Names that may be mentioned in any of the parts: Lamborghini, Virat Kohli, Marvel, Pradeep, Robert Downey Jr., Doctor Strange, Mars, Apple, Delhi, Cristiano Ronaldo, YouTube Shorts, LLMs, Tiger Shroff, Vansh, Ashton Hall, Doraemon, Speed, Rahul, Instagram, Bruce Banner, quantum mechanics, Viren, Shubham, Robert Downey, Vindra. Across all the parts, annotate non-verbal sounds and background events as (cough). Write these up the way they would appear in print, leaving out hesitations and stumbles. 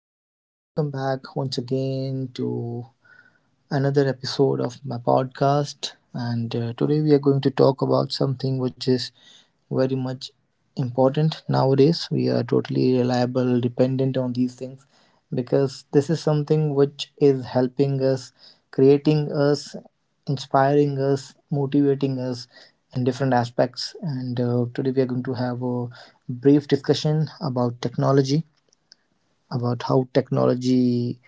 and welcome back once again to another episode of my podcast. And today we are going to talk about something which is very much important nowadays. We are totally reliable, dependent on these things because this is something which is helping us, creating us, inspiring us, motivating us in different aspects. And today we are going to have a brief discussion about technology, about how technology,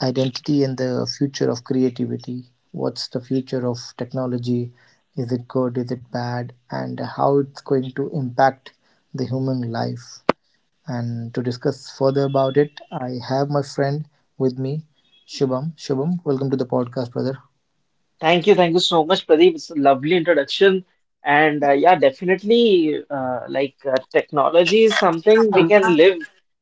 identity, and the future of creativity. What's the future of technology? Is it good? Is it bad? And how it's going to impact the human life. And to discuss further about it, I have my friend with me, Shubham. Shubham, welcome to the podcast, brother. Thank you so much, Pradeep. It's a lovely introduction, and yeah, definitely, technology is something we can live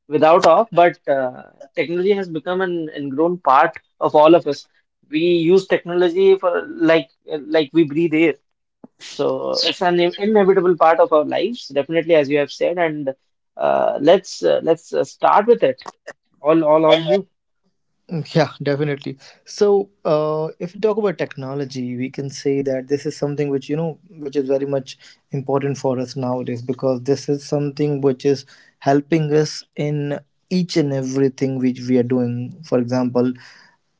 without of, but technology has become an ingrown part of all of us. We use technology for like we breathe air, so it's an inevitable part of our lives, definitely, as you have said. And let's start with it. All on you. (laughs) Yeah, definitely. So, if we talk about technology, we can say that this is something which, which is very much important for us nowadays because this is something which is helping us in each and everything which we are doing. For example,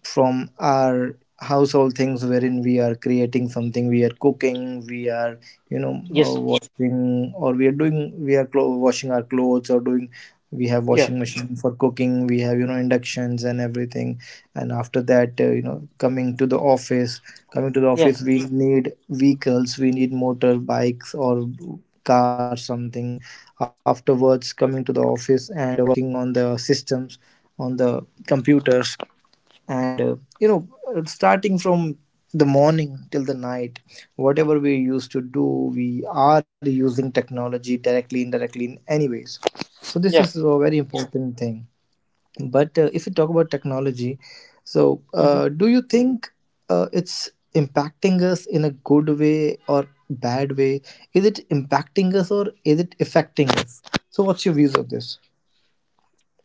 from our household things, wherein we are creating something, we are cooking, we are, Yes. washing, or we are doing, washing our clothes, or doing, we have Yeah. washing machine. For cooking we have, inductions and everything. And after that, coming to the office, Yeah. We need vehicles, we need motor bikes or car, something. Afterwards, coming to the office and working on the systems, on the computers, and starting from the morning till the night, whatever we used to do, we are using technology directly, indirectly, in any ways. So this is Yeah. a very important thing. But if you talk about technology, so Mm-hmm. Do you think, it's impacting us in a good way or bad way? Is it impacting us or is it affecting us? So what's your views of this?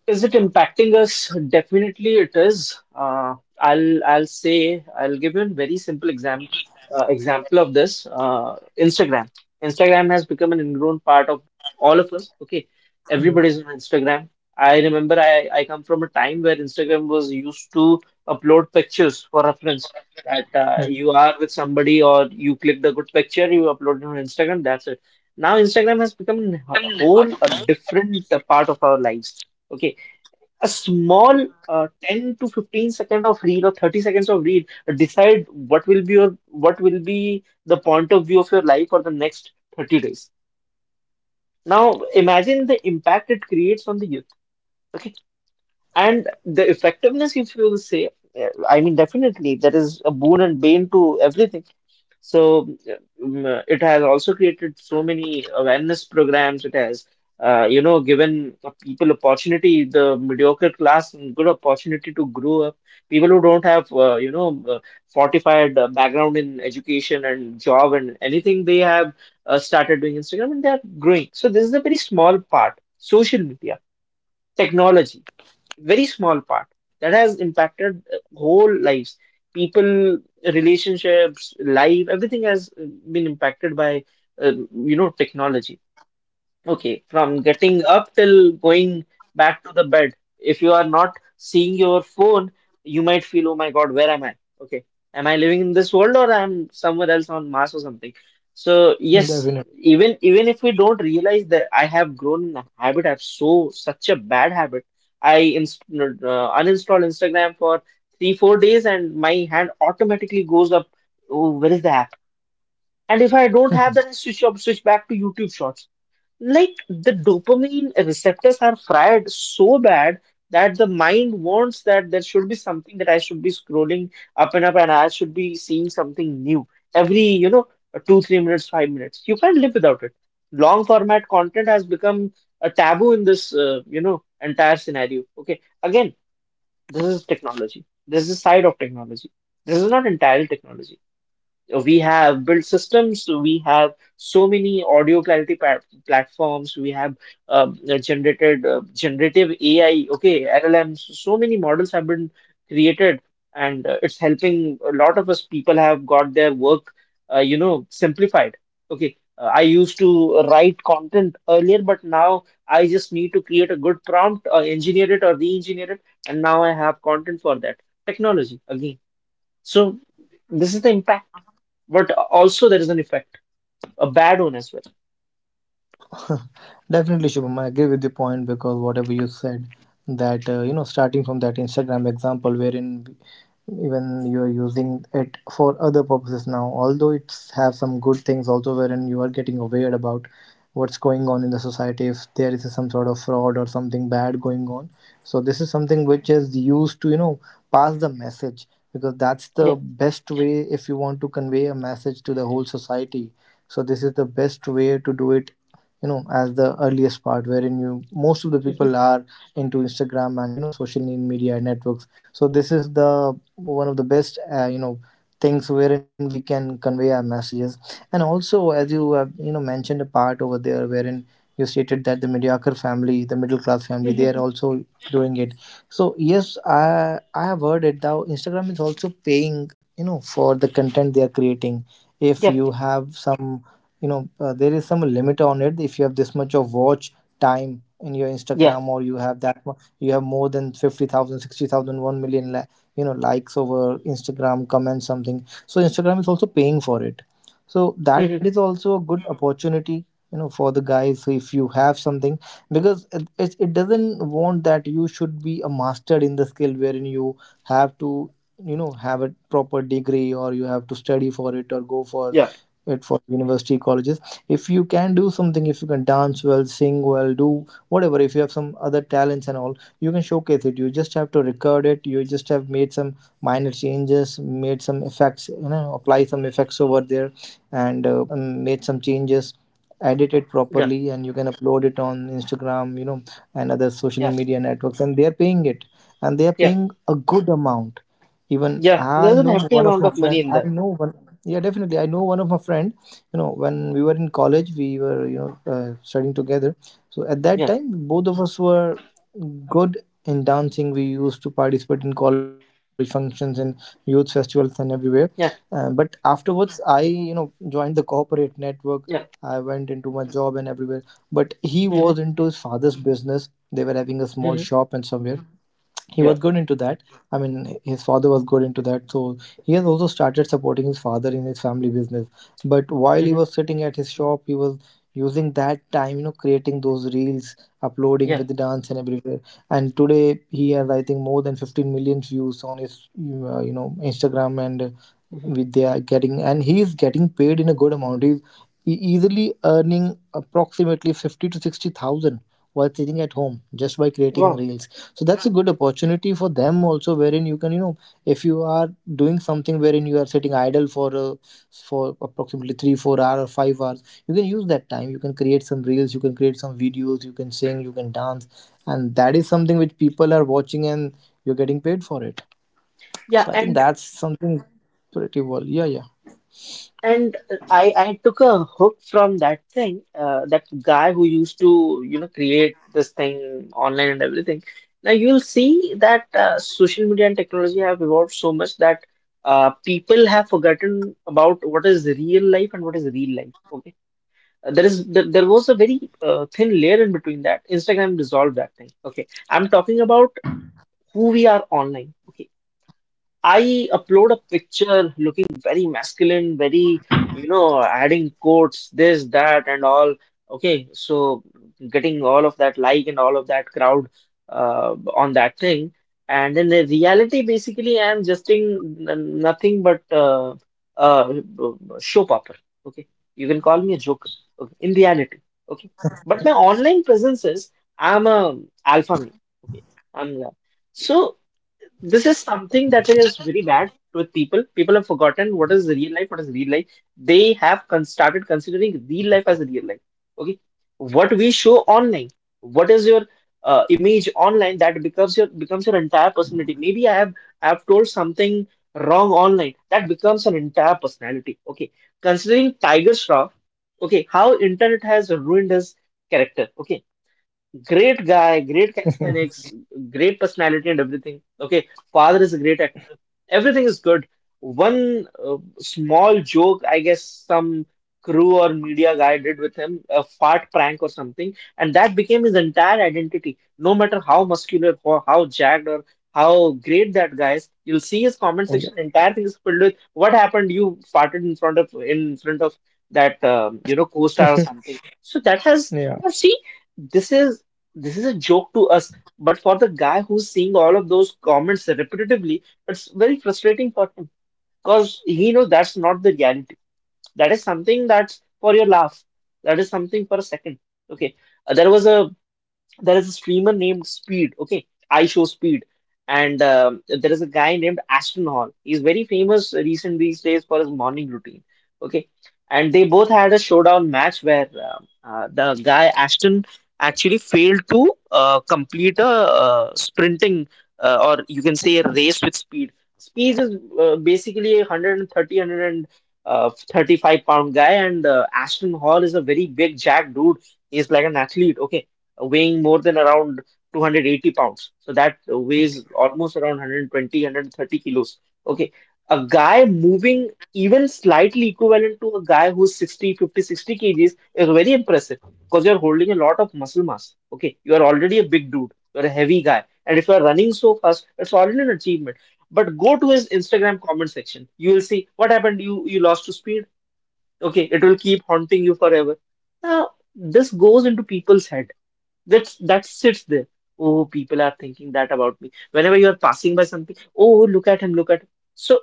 Is it impacting us? Definitely it is. I'll say I'll give you a very simple example of this. Instagram. Instagram has become an ingrown part of all of us. Okay, everybody's on Instagram. I remember I come from a time where Instagram was used to upload pictures for reference that you are with somebody or you clicked a good picture, you upload it on Instagram, that's it. Now Instagram has become Definitely. A different part of our lives. Okay, a small 10 to 15 second of reel or 30 seconds of reel decide what will be the point of view of your life for the next 30 days. Now imagine the impact it creates on the youth. Okay. And the effectiveness, if you will say, I mean, definitely that is a boon and bane to everything. So it has also created so many awareness programs. It has, you know, given people opportunity, the mediocre class, and good opportunity to grow up. People who don't have, you know, fortified background in education and job and anything, they have started doing Instagram and they are growing. So this is a very small part. Social media, technology, very small part that has impacted whole lives, people, relationships, life, everything has been impacted by uh, technology. Okay, from getting up till going back to the bed. If you are not seeing your phone, you might feel, oh my God, where am I? Okay, am I living in this world or I'm somewhere else on Mars or something? So yes, even if we don't realize that I have grown in a habit, I have so such a bad habit. I inst uninstall Instagram for 3, 4 days and my hand automatically goes up. Oh, where is the app? And if I don't have that, I switch back to YouTube Shorts, like the dopamine receptors are fried so bad that the mind wants that there should be something that I should be scrolling up and up and I should be seeing something new every, 2, 3 minutes, 5 minutes. You can't live without it. Long format content has become a taboo in this, entire scenario. Okay. Again, this is technology. This is a side of technology. This is not entirely technology. We have built systems, we have so many audio clarity platforms, we have generated generative AI, okay, LLMs, so many models have been created, and it's helping a lot of us. People have got their work, you know, simplified. Okay, I used to write content earlier, but now I just need to create a good prompt, engineer it or re-engineer it, and now I have content for that. Technology again. So this is the impact, but also there is an effect, a bad one as well. Definitely, Shubham, I agree with your point because whatever you said, that, starting from that Instagram example, wherein even you are using it for other purposes now, although it's have some good things also, wherein you are getting aware about what's going on in the society, if there is some sort of fraud or something bad going on. So this is something which is used to, pass the message because that's the Yeah. best way if you want to convey a message to the whole society. So this is the best way to do it, as the earliest part wherein you, most of the Mhm. people are into Instagram and, social media networks. So this is the one of the best, things wherein we can convey our messages. And also, as you have, mentioned a part over there wherein you stated that the mediocre family, the middle class family, they are Mhm. also doing it. So yes, I have heard it. Now Instagram is also paying, for the content they are creating. If Yeah. you have some, there is some limit on it, if you have this much of watch time in your Yeah. Instagram, or you have that you have more than 50,000, 60,000, 1 million, likes over Instagram, comments, something, so Instagram is also paying for it. So Mhm. that is also a good opportunity, for the guys. If you have something, because it doesn't want that you should be a master in the skill wherein you have to, have a proper degree, or you have to study for it, or go for Yeah. it for university, colleges. If you can do something, if you can dance well, sing well, do whatever, if you have some other talents and all, you can showcase it. You just have to record it, you just have made some minor changes, made some effects, apply some effects over there, and made some changes, edit it Yeah. properly, and you can upload it on Instagram, and other social Yeah. media networks, and they are paying it, and they are Yeah. paying a good amount. Even Yeah. I There's an know hefty one of amount my of friend, money in I there. know one, yeah, definitely, I know one of my friend, when we were in college, we were, studying together. So at that Yeah. time, both of us were good in dancing, we used to participate in college functions and youth festivals and everywhere. Yeah. But afterwards, I, joined the corporate network, I Yeah. went into my job and everywhere. But he was Mhm. into his father's business, they were having a small Mhm. shop and somewhere he was Yeah. good into that, I mean, his father was good into that. So he has also started supporting his father in his family business. But while he Mhm. was sitting at his shop, he was using that time, creating those reels, uploading Yeah. with the dance and everywhere, and today he has, I think, more than 15 million views on his, Instagram, and Mhm. with they are getting, and he is getting paid in a good amount. He's easily earning approximately 50 to 60,000 while sitting at home, just by creating Wow. reels. So that's a good opportunity for them also, wherein you can, if you are doing something wherein you are sitting idle for approximately 3 4 hours or 5 hours, you can use that time, you can create some reels, you can create some videos, you can sing, you can dance, and that is something which people are watching, and you're getting paid for it. Yeah. So I think that's something pretty well. Yeah, yeah. And I took a hook from that thing, that guy who used to, you know, create this thing online and everything. Now you'll see that social media and technology have evolved so much that people have forgotten about what is real life and what is real life. Okay. There was a very thin layer in between that. Instagram dissolved that thing. Okay, I'm talking about who we are online. Okay. I upload a picture looking very masculine, very, you know, adding quotes, this, that, and all. Okay, so getting all of that like and all of that crowd on that thing. And in the reality, basically, I'm just in n- nothing but uh, show popper. Okay, you can call me a joker. Okay, in reality, okay. But my online presence is I'm a alpha male. Okay, I'm. So this is something that is very bad with people. People have forgotten what is real life, what is real life. They have started considering real life as real life. Okay, what we show online, what is your image online, that becomes your entire personality. Maybe I have told something wrong online, that becomes an entire personality. Okay, considering Tiger Shroff, okay, how internet has ruined his character. Okay. Great guy, great (laughs) calisthenics, great personality and everything. Okay, father is a great actor. Everything is good. One small joke, I guess, some crew or media guy did with him, a fart prank or something, and that became his entire identity. No matter how muscular, or how jacked, or how great that guy is, you'll see his comment section. Yeah. Entire thing is filled with what happened. You farted in front of that co-star or (laughs) something. So that has Yeah. now see. This is this is a joke to us, but for the guy who's seeing all of those comments repetitively, it's very frustrating for him because he knows that's not the reality. That is something that's for your laugh. That is something for a second. Okay. Uh, there was a there is a streamer named Speed, okay, I Show Speed, and there is a guy named Ashton Hall. He's very famous recent these days for his morning routine, okay. And they both had a showdown match where the guy Ashton actually failed to complete a sprinting, or you can say a race with Speed. Speed is basically a 130, pound guy, and Ashton Hall is a very big jack dude. He's like an athlete, okay, weighing more than around 280 pounds. So that weighs almost around 120, 130 kilos. Okay. A guy moving even slightly equivalent to a guy who's 60, 50, 60 kgs is very impressive because you're holding a lot of muscle mass. Okay. You are already a big dude. You're a heavy guy. And if you're running so fast, it's already an achievement. But go to his Instagram comment section. You will see what happened. You lost to Speed. Okay, it will keep haunting you forever. Now, this goes into people's head, that sits there. Oh, people are thinking that about me. Whenever you are passing by something, oh, look at him, look at him. So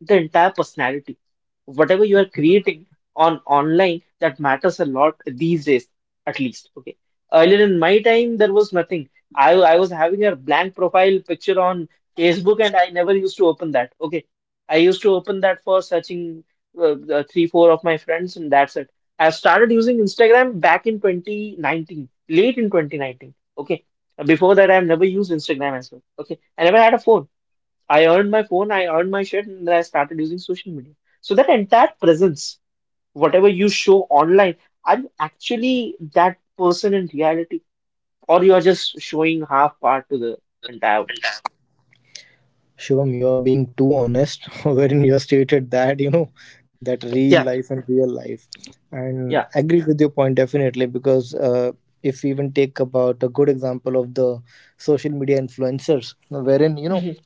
the entire personality, whatever you are creating on online, that matters a lot these days, at least. Okay, earlier in my time there was nothing. I was having a blank profile picture on Facebook and I never used to open that. Okay, I used to open that for searching the three four of my friends, and that's it. I started using Instagram back in 2019, late in 2019, okay. Before that, I've never used Instagram as well. Okay, I never had a phone. I earned my phone, I earned my shit, and then I started using social media. So that entire presence, whatever you show online, are you actually that person in reality, or you are just showing half part to the entire world? Shivam, you are being too honest (laughs) wherein you have stated that, you know, that Yeah. Real life. And Yeah. I agree with your point definitely because if we even take about a good example of the social media influencers, wherein, Mhm.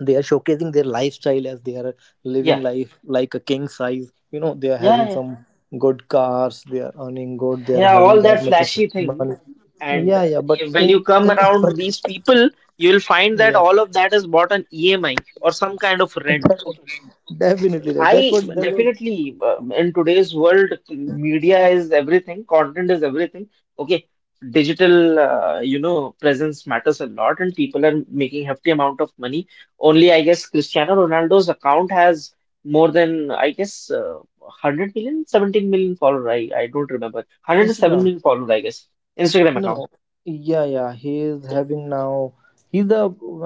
they are showcasing their lifestyle as they are living Yeah, life like a king size, they are yeah, having yeah, some good cars, they are earning good, they are yeah. having All that that much of flashy money, thing, yeah, yeah, and but when you in come (laughs) but around these people, you'll find yeah, that all of that is bought on EMI or some kind of rent. Okay. (laughs) definitely that's I what that was. definitely, in today's world, media is everything, content is everything. Okay, digital, presence matters a lot, and people are making hefty amount of money. Only, I guess, Cristiano Ronaldo's account has more than, I guess, 100 million, 17 million follower. I don't remember. 107 Instagram? million follower, I guess, Instagram No, no, account. yeah, yeah, he is having now, he's the,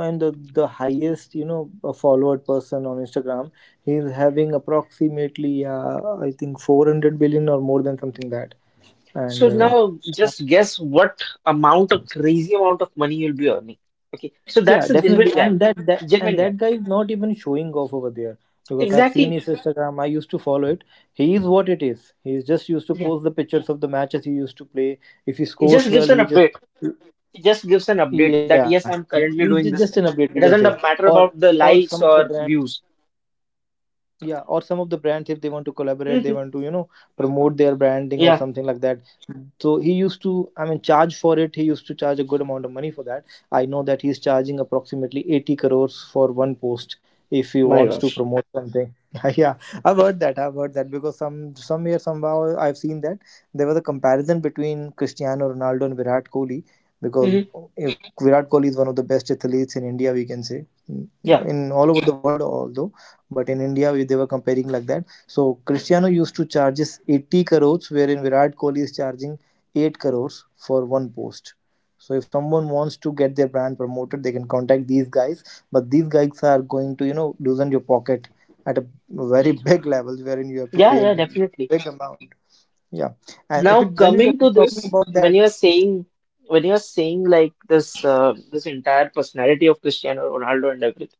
and the highest, followed person on Instagram. He's having approximately, I think, 400 billion or more than something that. And So now just guess what amount of crazy amount of money you'll be earning. Okay, so yeah, that's a genuine definitely. guy. And that, that and Genuine guy. that guy is not even showing off over there because I've seen Exactly. his Instagram, I used to follow it. He is what it is. He is just used to Yeah. post the pictures of the matches he used to play. If he It scores just well, gives an he just, update. It just gives an yeah, update he's that yes, just I'm an update, we currently can doing say. this thing. Or It doesn't or matter some of the about the brands. likes or views. Yeah, or some of the brands, if they want to collaborate, they want to, Mhm. promote their branding or something like Yeah. that. Mm. So he used to, I mean, charge for it. He used to charge a good amount of money for that. I know that he's charging approximately 80 crores for one post if he My wants to gosh. promote something. (laughs) Yeah, I've heard that. I've heard that because somewhere somehow I've seen that there was a comparison between Cristiano Ronaldo and Virat Kohli, because Hmm. if Virat Kohli is one of the best athletes in India, we can say, Yeah. in all over the world, although, but in India, we, they were comparing like that. So Cristiano used to charges 80 crores, wherein Virat Kohli is charging 8 crores for one post. So if someone wants to get their brand promoted, they can contact these guys. But these guys are going to, loosen your pocket at a very big level, wherein you have to Yeah. pay a Yeah. Definitely. big amount. Yeah, and if Now it when you talk, coming to talking this, about that, when you're saying like this, this entire personality of Cristiano Ronaldo and everything.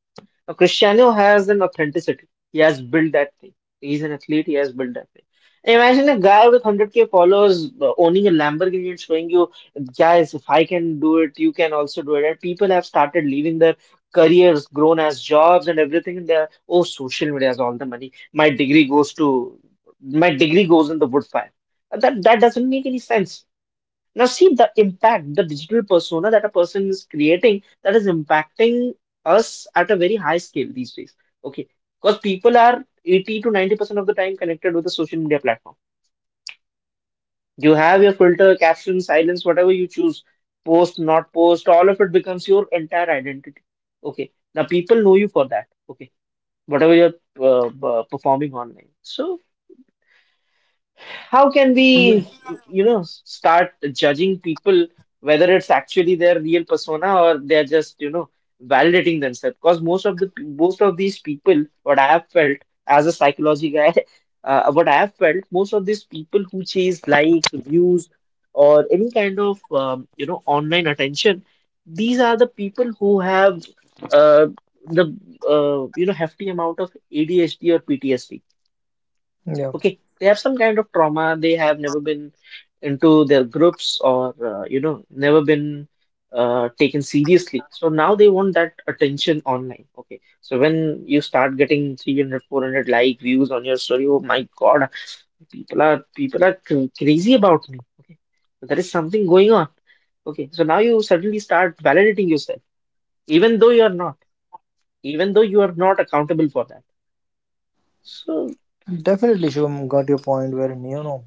Now, Cristiano has an authenticity. He has built that thing. He's an athlete. He has built that thing. Imagine a guy with 100k followers owning a Lamborghini and showing you, guys, if I can do it, you can also do it. And people have started leaving their careers, grown as jobs and everything. And they're, oh, social media has all the money. My degree goes in the wood fire. That doesn't make any sense. Now, see the impact, the digital persona that a person is creating that is impacting us at a very high scale these days. Okay. Because people are 80 to 90% of the time connected with the social media platform. You have your filter, caption, silence, whatever you choose, post, not post, all of it becomes your entire identity. Okay. Now, people know you for that. Okay. Whatever you're performing online. So, how can yeah, we start judging people whether it's actually their real persona or they're just validating themselves because most of these people what I have felt as a psychology guy (laughs) what I have felt most of these people who chase likes views or any kind of online attention. These are the people who have uh, the hefty amount of ADHD or PTSD. yeah, Okay, they have some kind of trauma. They have never been into their groups or, never been taken seriously. So now they want that attention online. Okay, so when you start getting 300, 400 like views on your story, oh my God, people are crazy about me. Okay, so there is something going on. Okay, so now you suddenly start validating yourself, even though you are not, even though you are not accountable for that. So, definitely, Shivam, got your point, wherein you know,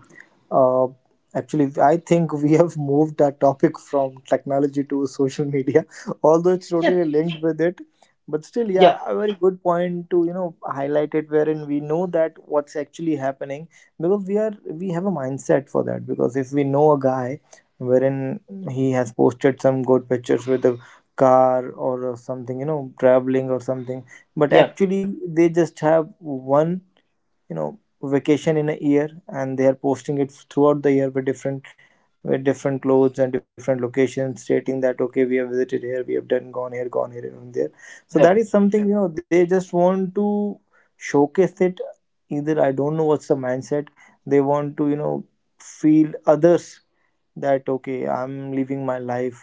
Uh, actually, I think we have moved that topic from technology to social media, (laughs) although it's yeah, totally linked with it. But still, yeah, yeah, a very good point to, highlight it, wherein we know that what's actually happening, because we are, we have a mindset for that. Because if we know a guy wherein he has posted some good pictures with a car or something, you know, traveling or something, but yeah, actually they just have one you know vacation in a year, and they are posting it throughout the year with different clothes and different locations, stating that, okay, we have visited here, we have done, gone here, gone here and there. So yeah, that is something, you know, they just want to showcase it. Either I don't know what's the mindset, they want to, you know, feel others that okay, I'm living my life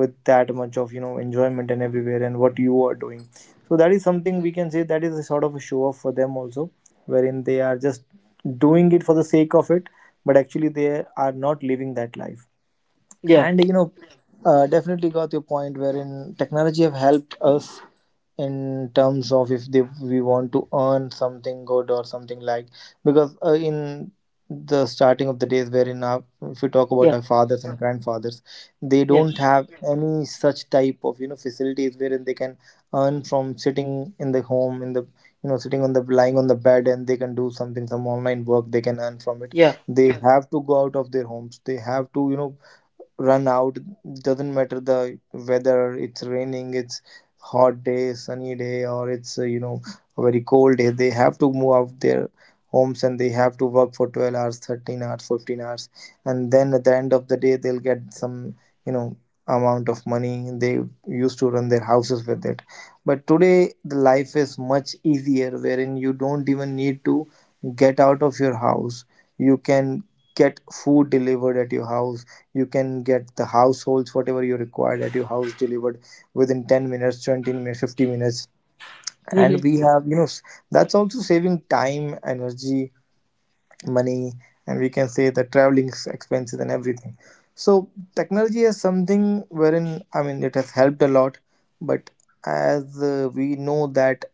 with that much of, you know, enjoyment and everywhere, and what you are doing. So that is something we can say, that is a sort of a show off for them also, wherein they are just doing it for the sake of it, but actually they are not living that life. yeah, And you know, definitely got your point, wherein technology have helped us in terms of if they, we want to earn something good or something like, because in the starting of the days, wherein our, if we talk about yeah. our fathers and grandfathers, they Yeah. don't have any such type of, you know, facilities wherein they can earn from sitting in the home, in the, you know, sitting on the, lying on the bed, and they can do something, some online work, they can earn from it. Yeah. They have to go out of their homes, they have to, you know, run out, doesn't matter the weather, it's raining, it's hot day, sunny day, or it's you know, a very cold day, they have to move out their homes and they have to work for 12 hours, 13 hours, 15 hours, and then at the end of the day they'll get some, you know, amount of money they used to run their houses with it. But today the life is much easier, wherein you don't even need to get out of your house. You can get food delivered at your house, you can get the households whatever you required at your house delivered within 10 minutes, 20 minutes, 50 minutes. Hmm. And we have, you know, that's also saving time, energy, money, and we can say the traveling expenses and everything. So technology is something wherein, I mean, it has helped a lot, but as we know that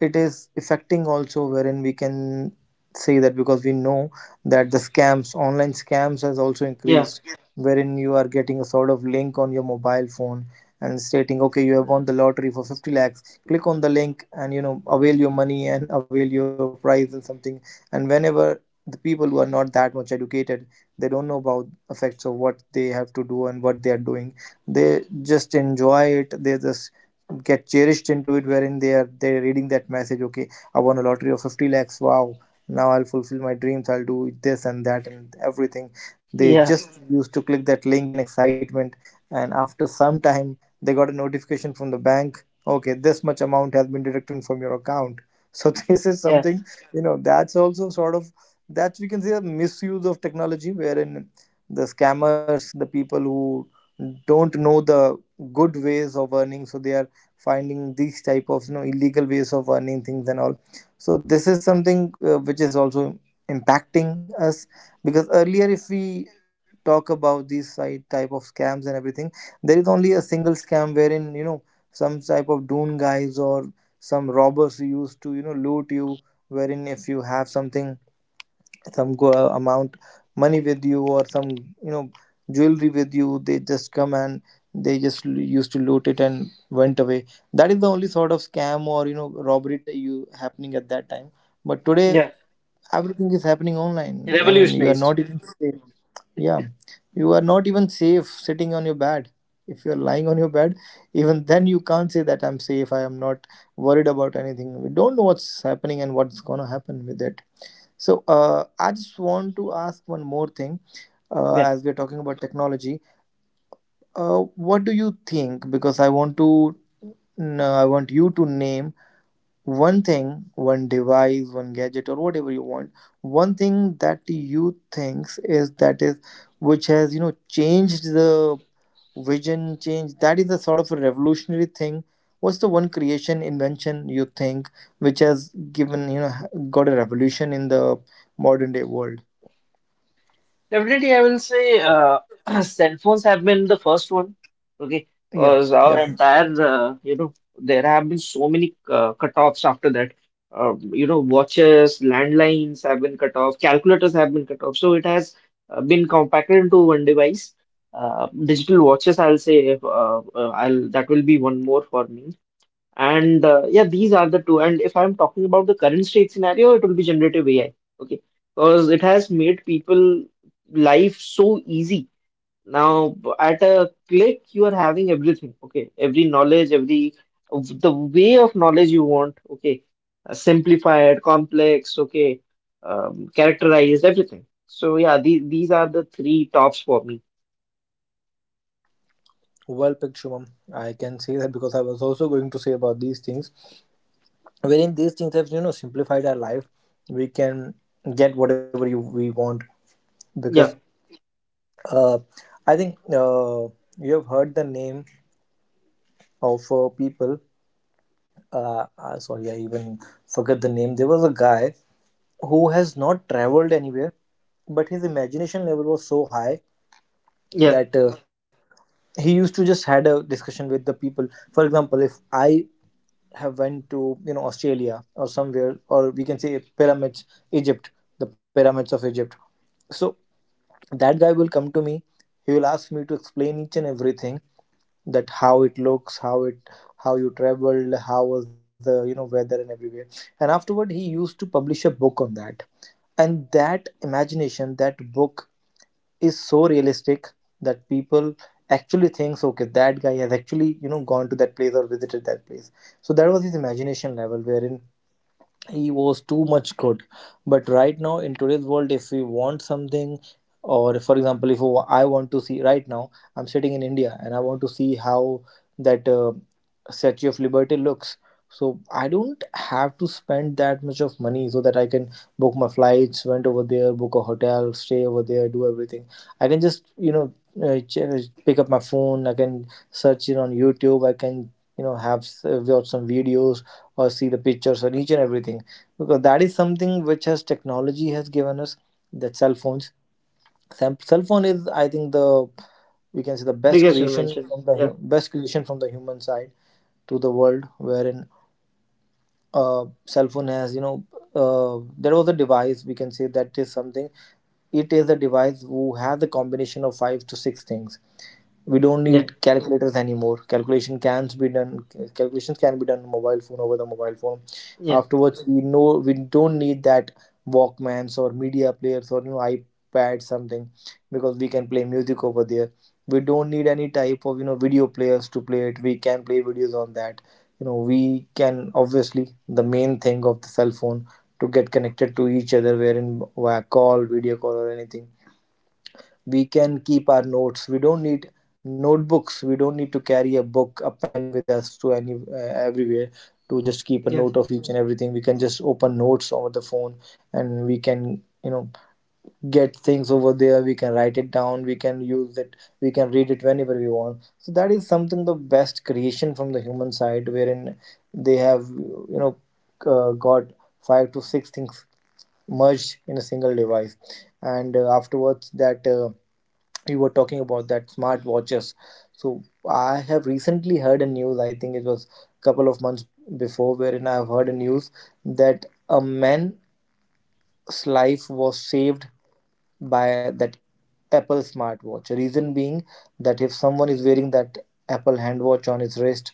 it is affecting also, wherein we can say that, because we know that the scams, online scams has also Yeah. increased, wherein you are getting a sort of link on your mobile phone and stating, okay, you have won Mm. the lottery for 50 lakhs, click on the link and, you know, avail your money and avail your prize and something. And whenever the people who are not that much educated, they don't know about effects of what they have to do and what they are doing, they just enjoy it, they just get cherished into it, wherein they are they're reading that message, okay, I won a lottery of 50 lakhs, wow, now I'll fulfill my dreams, I'll do this and that and everything. Yeah. They just used to click that link in excitement, and after some time they got a notification from the bank, okay, this much amount has been deducted from your account. So (laughs) this is Yeah. something, you know, that's also sort of, that we can say a misuse of technology, wherein the scammers, the people who don't know the good ways of earning, so they are finding these type of, you know, illegal ways of earning things and all. So this is something which is also impacting us. Because earlier, if we talk about these side type of scams and everything, there is only a single scam wherein, you know, some type of dune guys or some robbers used to, you know, loot you, wherein if you have something, some go amount, money with you, or some, you know, jewelry with you, they just come and they just used to loot it and went away. That is the only sort of scam or, you know, robbery you happening at that time. But today Yeah. everything is happening online, I mean, you are Revolutionized. not even safe. Yeah, you are not even safe sitting on your bed. If you are lying on your bed, even then you can't say that I'm safe, I am not worried about anything. We don't know what's happening and what's going to happen with it. So I just want to ask one more thing. Yeah. As we're talking about technology. Uh, what do you think? Because I want to, no, I want you to name one thing, one device, one gadget, or whatever you want. One thing that you thinks is that is, which has, you know, changed the vision, changed, that is a sort of a revolutionary thing. What's the one creation, invention you think which has given, you know, got a revolution in the modern day world? Definitely, I will say (clears throat) cell phones have been the first one. Okay. Yeah, Because our definitely. entire, there have been so many cutoffs after that. Watches, landlines have been cut off, calculators have been cut off. So it has been compacted into one device. Digital watches, I'll say, I'll that will be one more for me. And yeah, these are the two. And if I'm talking about the current state scenario, it will be generative AI. Okay. Because it has made people life so easy. Now, at a click, you are having everything. Okay. Every knowledge, every of the way of knowledge you want. Okay. Simplified, complex. Okay. Characterized, everything. So yeah, these are the three tops for me. Well picked, Shubham. I can say that because I was also going to say about these things, wherein these things have, you know, simplified our life. We can get whatever you we want. Because Yeah. uh, I think you have heard the name of people. Sorry, I even forget the name. There was a guy who has not traveled anywhere, but his imagination level was so high Yeah. that he used to just had a discussion with the people. For example, if I have went to, you know, Australia or somewhere, or we can say pyramids, Egypt, the pyramids of Egypt. So that guy will come to me. He will ask me to explain each and everything, that how it looks, how it, how you traveled, how was the, you know, weather and everywhere. And afterward, he used to publish a book on that. And that imagination, that book is so realistic that people actually thinks, okay, that guy has actually, you know, gone to that place or visited that place. So that was his imagination level, wherein he was too much good. But right now in today's world, if we want something, or for example, if I want to see, right now I'm sitting in India and I want to see how that Statue of Liberty looks, so I don't have to spend that much of money so that I can book my flights, went over there, book a hotel stay over there, do everything. I can just, you know, uh, ch- uh, pick up my phone, I can search it on YouTube, I can, you know, watch some videos or see the pictures or each and everything. Because that is something which has, technology has given us, that cell phones, cell phone is, I think, the, we can say, the best Biggest creation invention. from the Yeah. Best creation from the human side to the world, wherein cell phone has, you know, there was a device, we can say that is something, it is a device who has a combination of 5 to 6 things. We don't Yeah. need calculators anymore, calculations can be done on mobile phone, over the mobile phone. Yeah. Afterwards, we know we don't need that walkmans or media players or, you know, iPad something, because we can play music over there. We don't need any type of, you know, video players to play it, we can play videos on that. You know, we can, obviously, the main thing of the cell phone, to get connected to each other, wherein via call, video call, or anything, we can keep our notes, we don't need notebooks, we don't need to carry a book, a pen with us, to any everywhere, to just keep a Yeah. note of each and everything, we can just open notes over the phone. And we can, you know, get things over there, we can write it down, we can use it, we can read it whenever we want. So that is something, the best creation from the human side, wherein they have, you know, got 5 to 6 things merged in a single device. And afterwards, that you were talking about that smart watches. So I have recently heard a news, I think it was a couple of months before, wherein I have heard a news that a man's life was saved by that Apple smartwatch. Reason being that if someone is wearing that Apple handwatch on his wrist,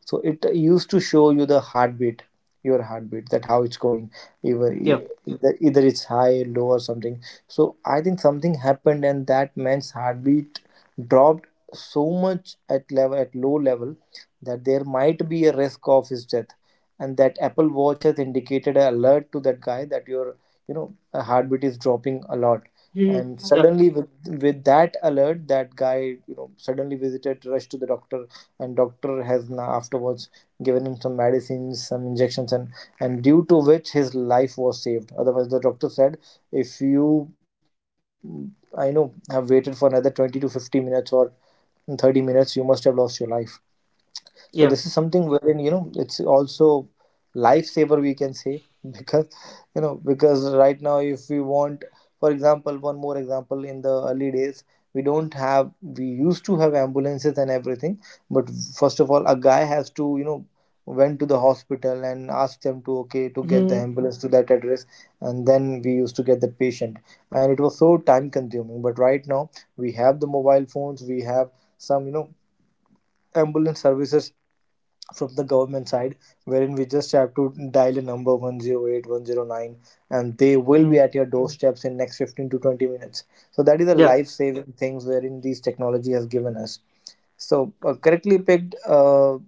so it used to show you the heartbeat, your heartbeat, that how it's going, either Yeah. either it's high, low, or something. So I think something happened, and that man's heartbeat dropped so much at low level that there might be a risk of his death, and that Apple watch has indicated an alert to that guy that your heartbeat is dropping a lot. Mhm. And Yeah. suddenly with that alert, that guy suddenly visited rushed to the doctor, and doctor has now afterwards given him some medicines, some injections, and due to which his life was saved. Otherwise, the doctor said, if you mm, I know have waited for another 20 to 50 minutes or 30 minutes, you must have lost your life. So this is Yeah. something wherein it's also lifesaver, we can say (laughs) because you know because right now, if we want, for example, one more example, in the early days, we don't have we used to have ambulances and everything. But first of all, a guy has to went to the hospital and asked them to, okay, to get Mm-hmm. the ambulance to that address, and then we used to get the patient, and it was so time consuming. But right now, we have the mobile phones, we have some ambulance services from the government side, wherein we just have to dial a number 108, 109, and they will be at your doorsteps in next 15 to 20 minutes. So that is a Yeah, life saving things wherein these technology has given us. So correctly picked,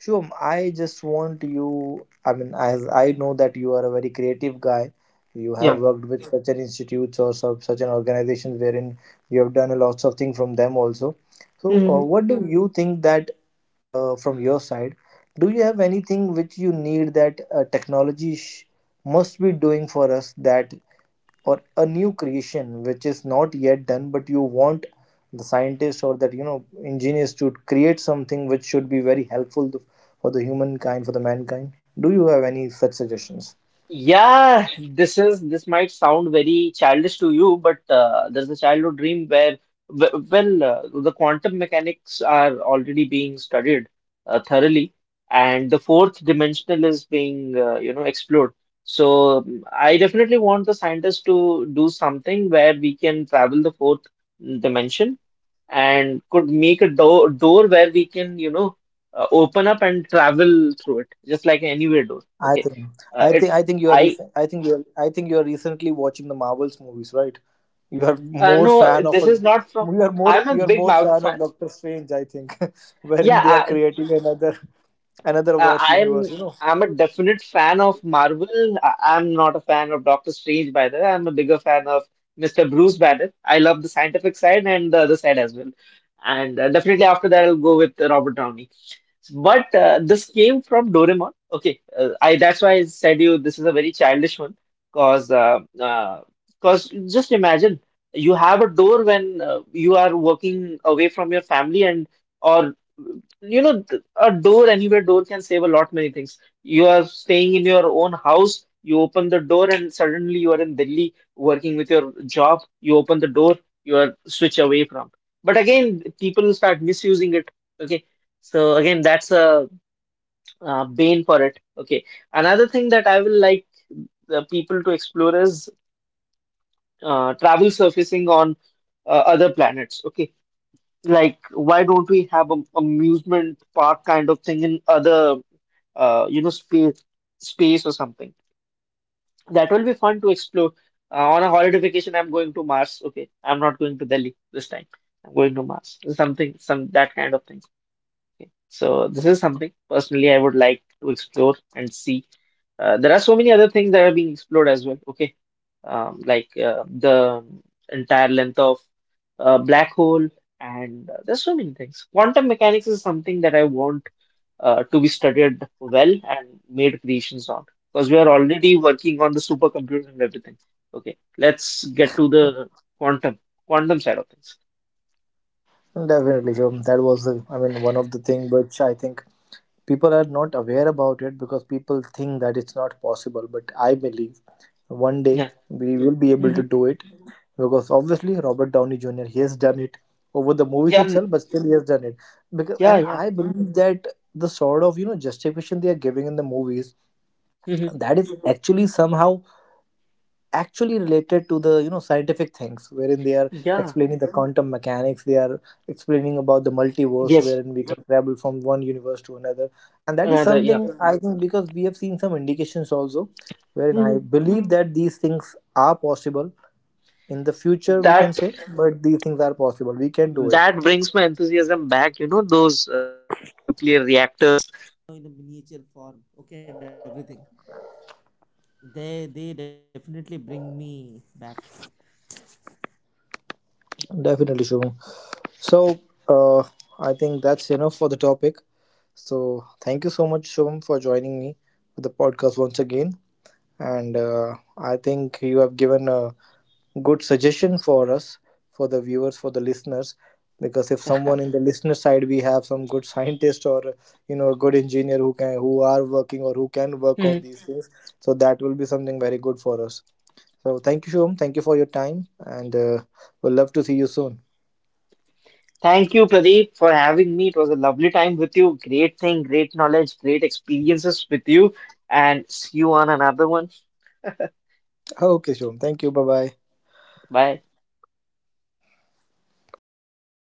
Shubham, I just want you. I mean, as I know that you are a very creative guy, you have yeah. worked with such an institutes, or such an organization wherein you have done a lots of things from them also. So, Mm-hmm. what do you think that from your side? Do you have anything which you need that technology must be doing for us, that, or a new creation which is not yet done, but you want the scientists or that you know engineers to create something which should be very helpful to, for the humankind, for the mankind? Do you have any such suggestions? Yeah, this might sound very childish to you, but there's a childhood dream where, the quantum mechanics are already being studied thoroughly, and the fourth dimensional is being, explored. So I definitely want the scientists to do something where we can travel the fourth dimension and could make a door where we can, open up and travel through it, just like an anywhere door. I Okay. think, I it. think, I think you are. I I think you are recently watching the Marvels movies, right? You are more No, fan of this a. is not from. I'm a You are big more Marvel fan of fan. Doctor Strange, I think, (laughs) Yeah, wherein they are I, creating another another verse universe, I'm. you know. I'm a definite fan of Marvel. I'm not a fan of Doctor Strange, by the way. I'm a bigger fan of Mr. Bruce Banner. I love the scientific side and the other side as well. And definitely after that, I'll go with Robert Downey. But this came from Doraemon. Okay, I that's why I said you this is a very childish one, cause uh, uh, cause just imagine you have a door when you are working away from your family and or a door anywhere door can save a lot many things. You are staying in your own house. You open the door and suddenly you are in Delhi working with your job. You open the door, you are switch away from. But again, people start misusing it. Okay. So again, that's a bane for it. Okay. Another thing that I will like the people to explore is travel surfacing on other planets. Okay. Like, why don't we have a amusement park kind of thing in other, uh, you know, space space or something? That will be fun to explore. On a holiday vacation, I'm going to Mars. Okay, I'm not going to Delhi this time. I'm going to Mars. Something, some that kind of thing. Okay. So this is something personally I would like to explore and see. There are so many other things that are being explored as well. Okay, the entire length of black hole, and there's so many things. Quantum mechanics is something that I want to be studied well and made creations on, because we are already working on the supercomputers and everything. Okay, let's get to the quantum quantum side of things. Definitely, so that was the. I mean, one of the thing which I think people are not aware about it because people think that it's not possible. But I believe one day Yeah. we will be able Hmm. to do it, because obviously Robert Downey Jr. he has done it over the movies Yeah. Mm, itself, but still he has done it, because, yeah. and Yeah. I believe that the sort of justification they are giving in the movies, Hmm. that is actually somehow actually related to the scientific things wherein they are Yeah. explaining the quantum mechanics, they are explaining about the multiverse Yes. wherein we can travel from one universe to another, and that is Another, yeah. something I think because we have seen some indications also, wherein I Mhm. believe that these things are possible in the future, we can That say. But these things are possible, we can do it. that brings my enthusiasm back, those nuclear reactors. Definitely, Shubham. So uh, I think that's enough for the topic. So thank you so much, Shubham, for joining me for the podcast once again. And I think you have given a good suggestion for us, for the viewers, for the listeners, because if someone in the listener side we have some good (laughs) scientist or a good engineer who can, who are working or who can work Mm. on these things. So that will be something very good for us. So thank you, Shom. Thank you for your time, and we'll love to see you soon. Thank you, Pradeep, for having me. It was a lovely time with you. Great thing, great knowledge, great experiences with you. And see you on another one. Okay, Shom. Thank you. Bye bye. Bye.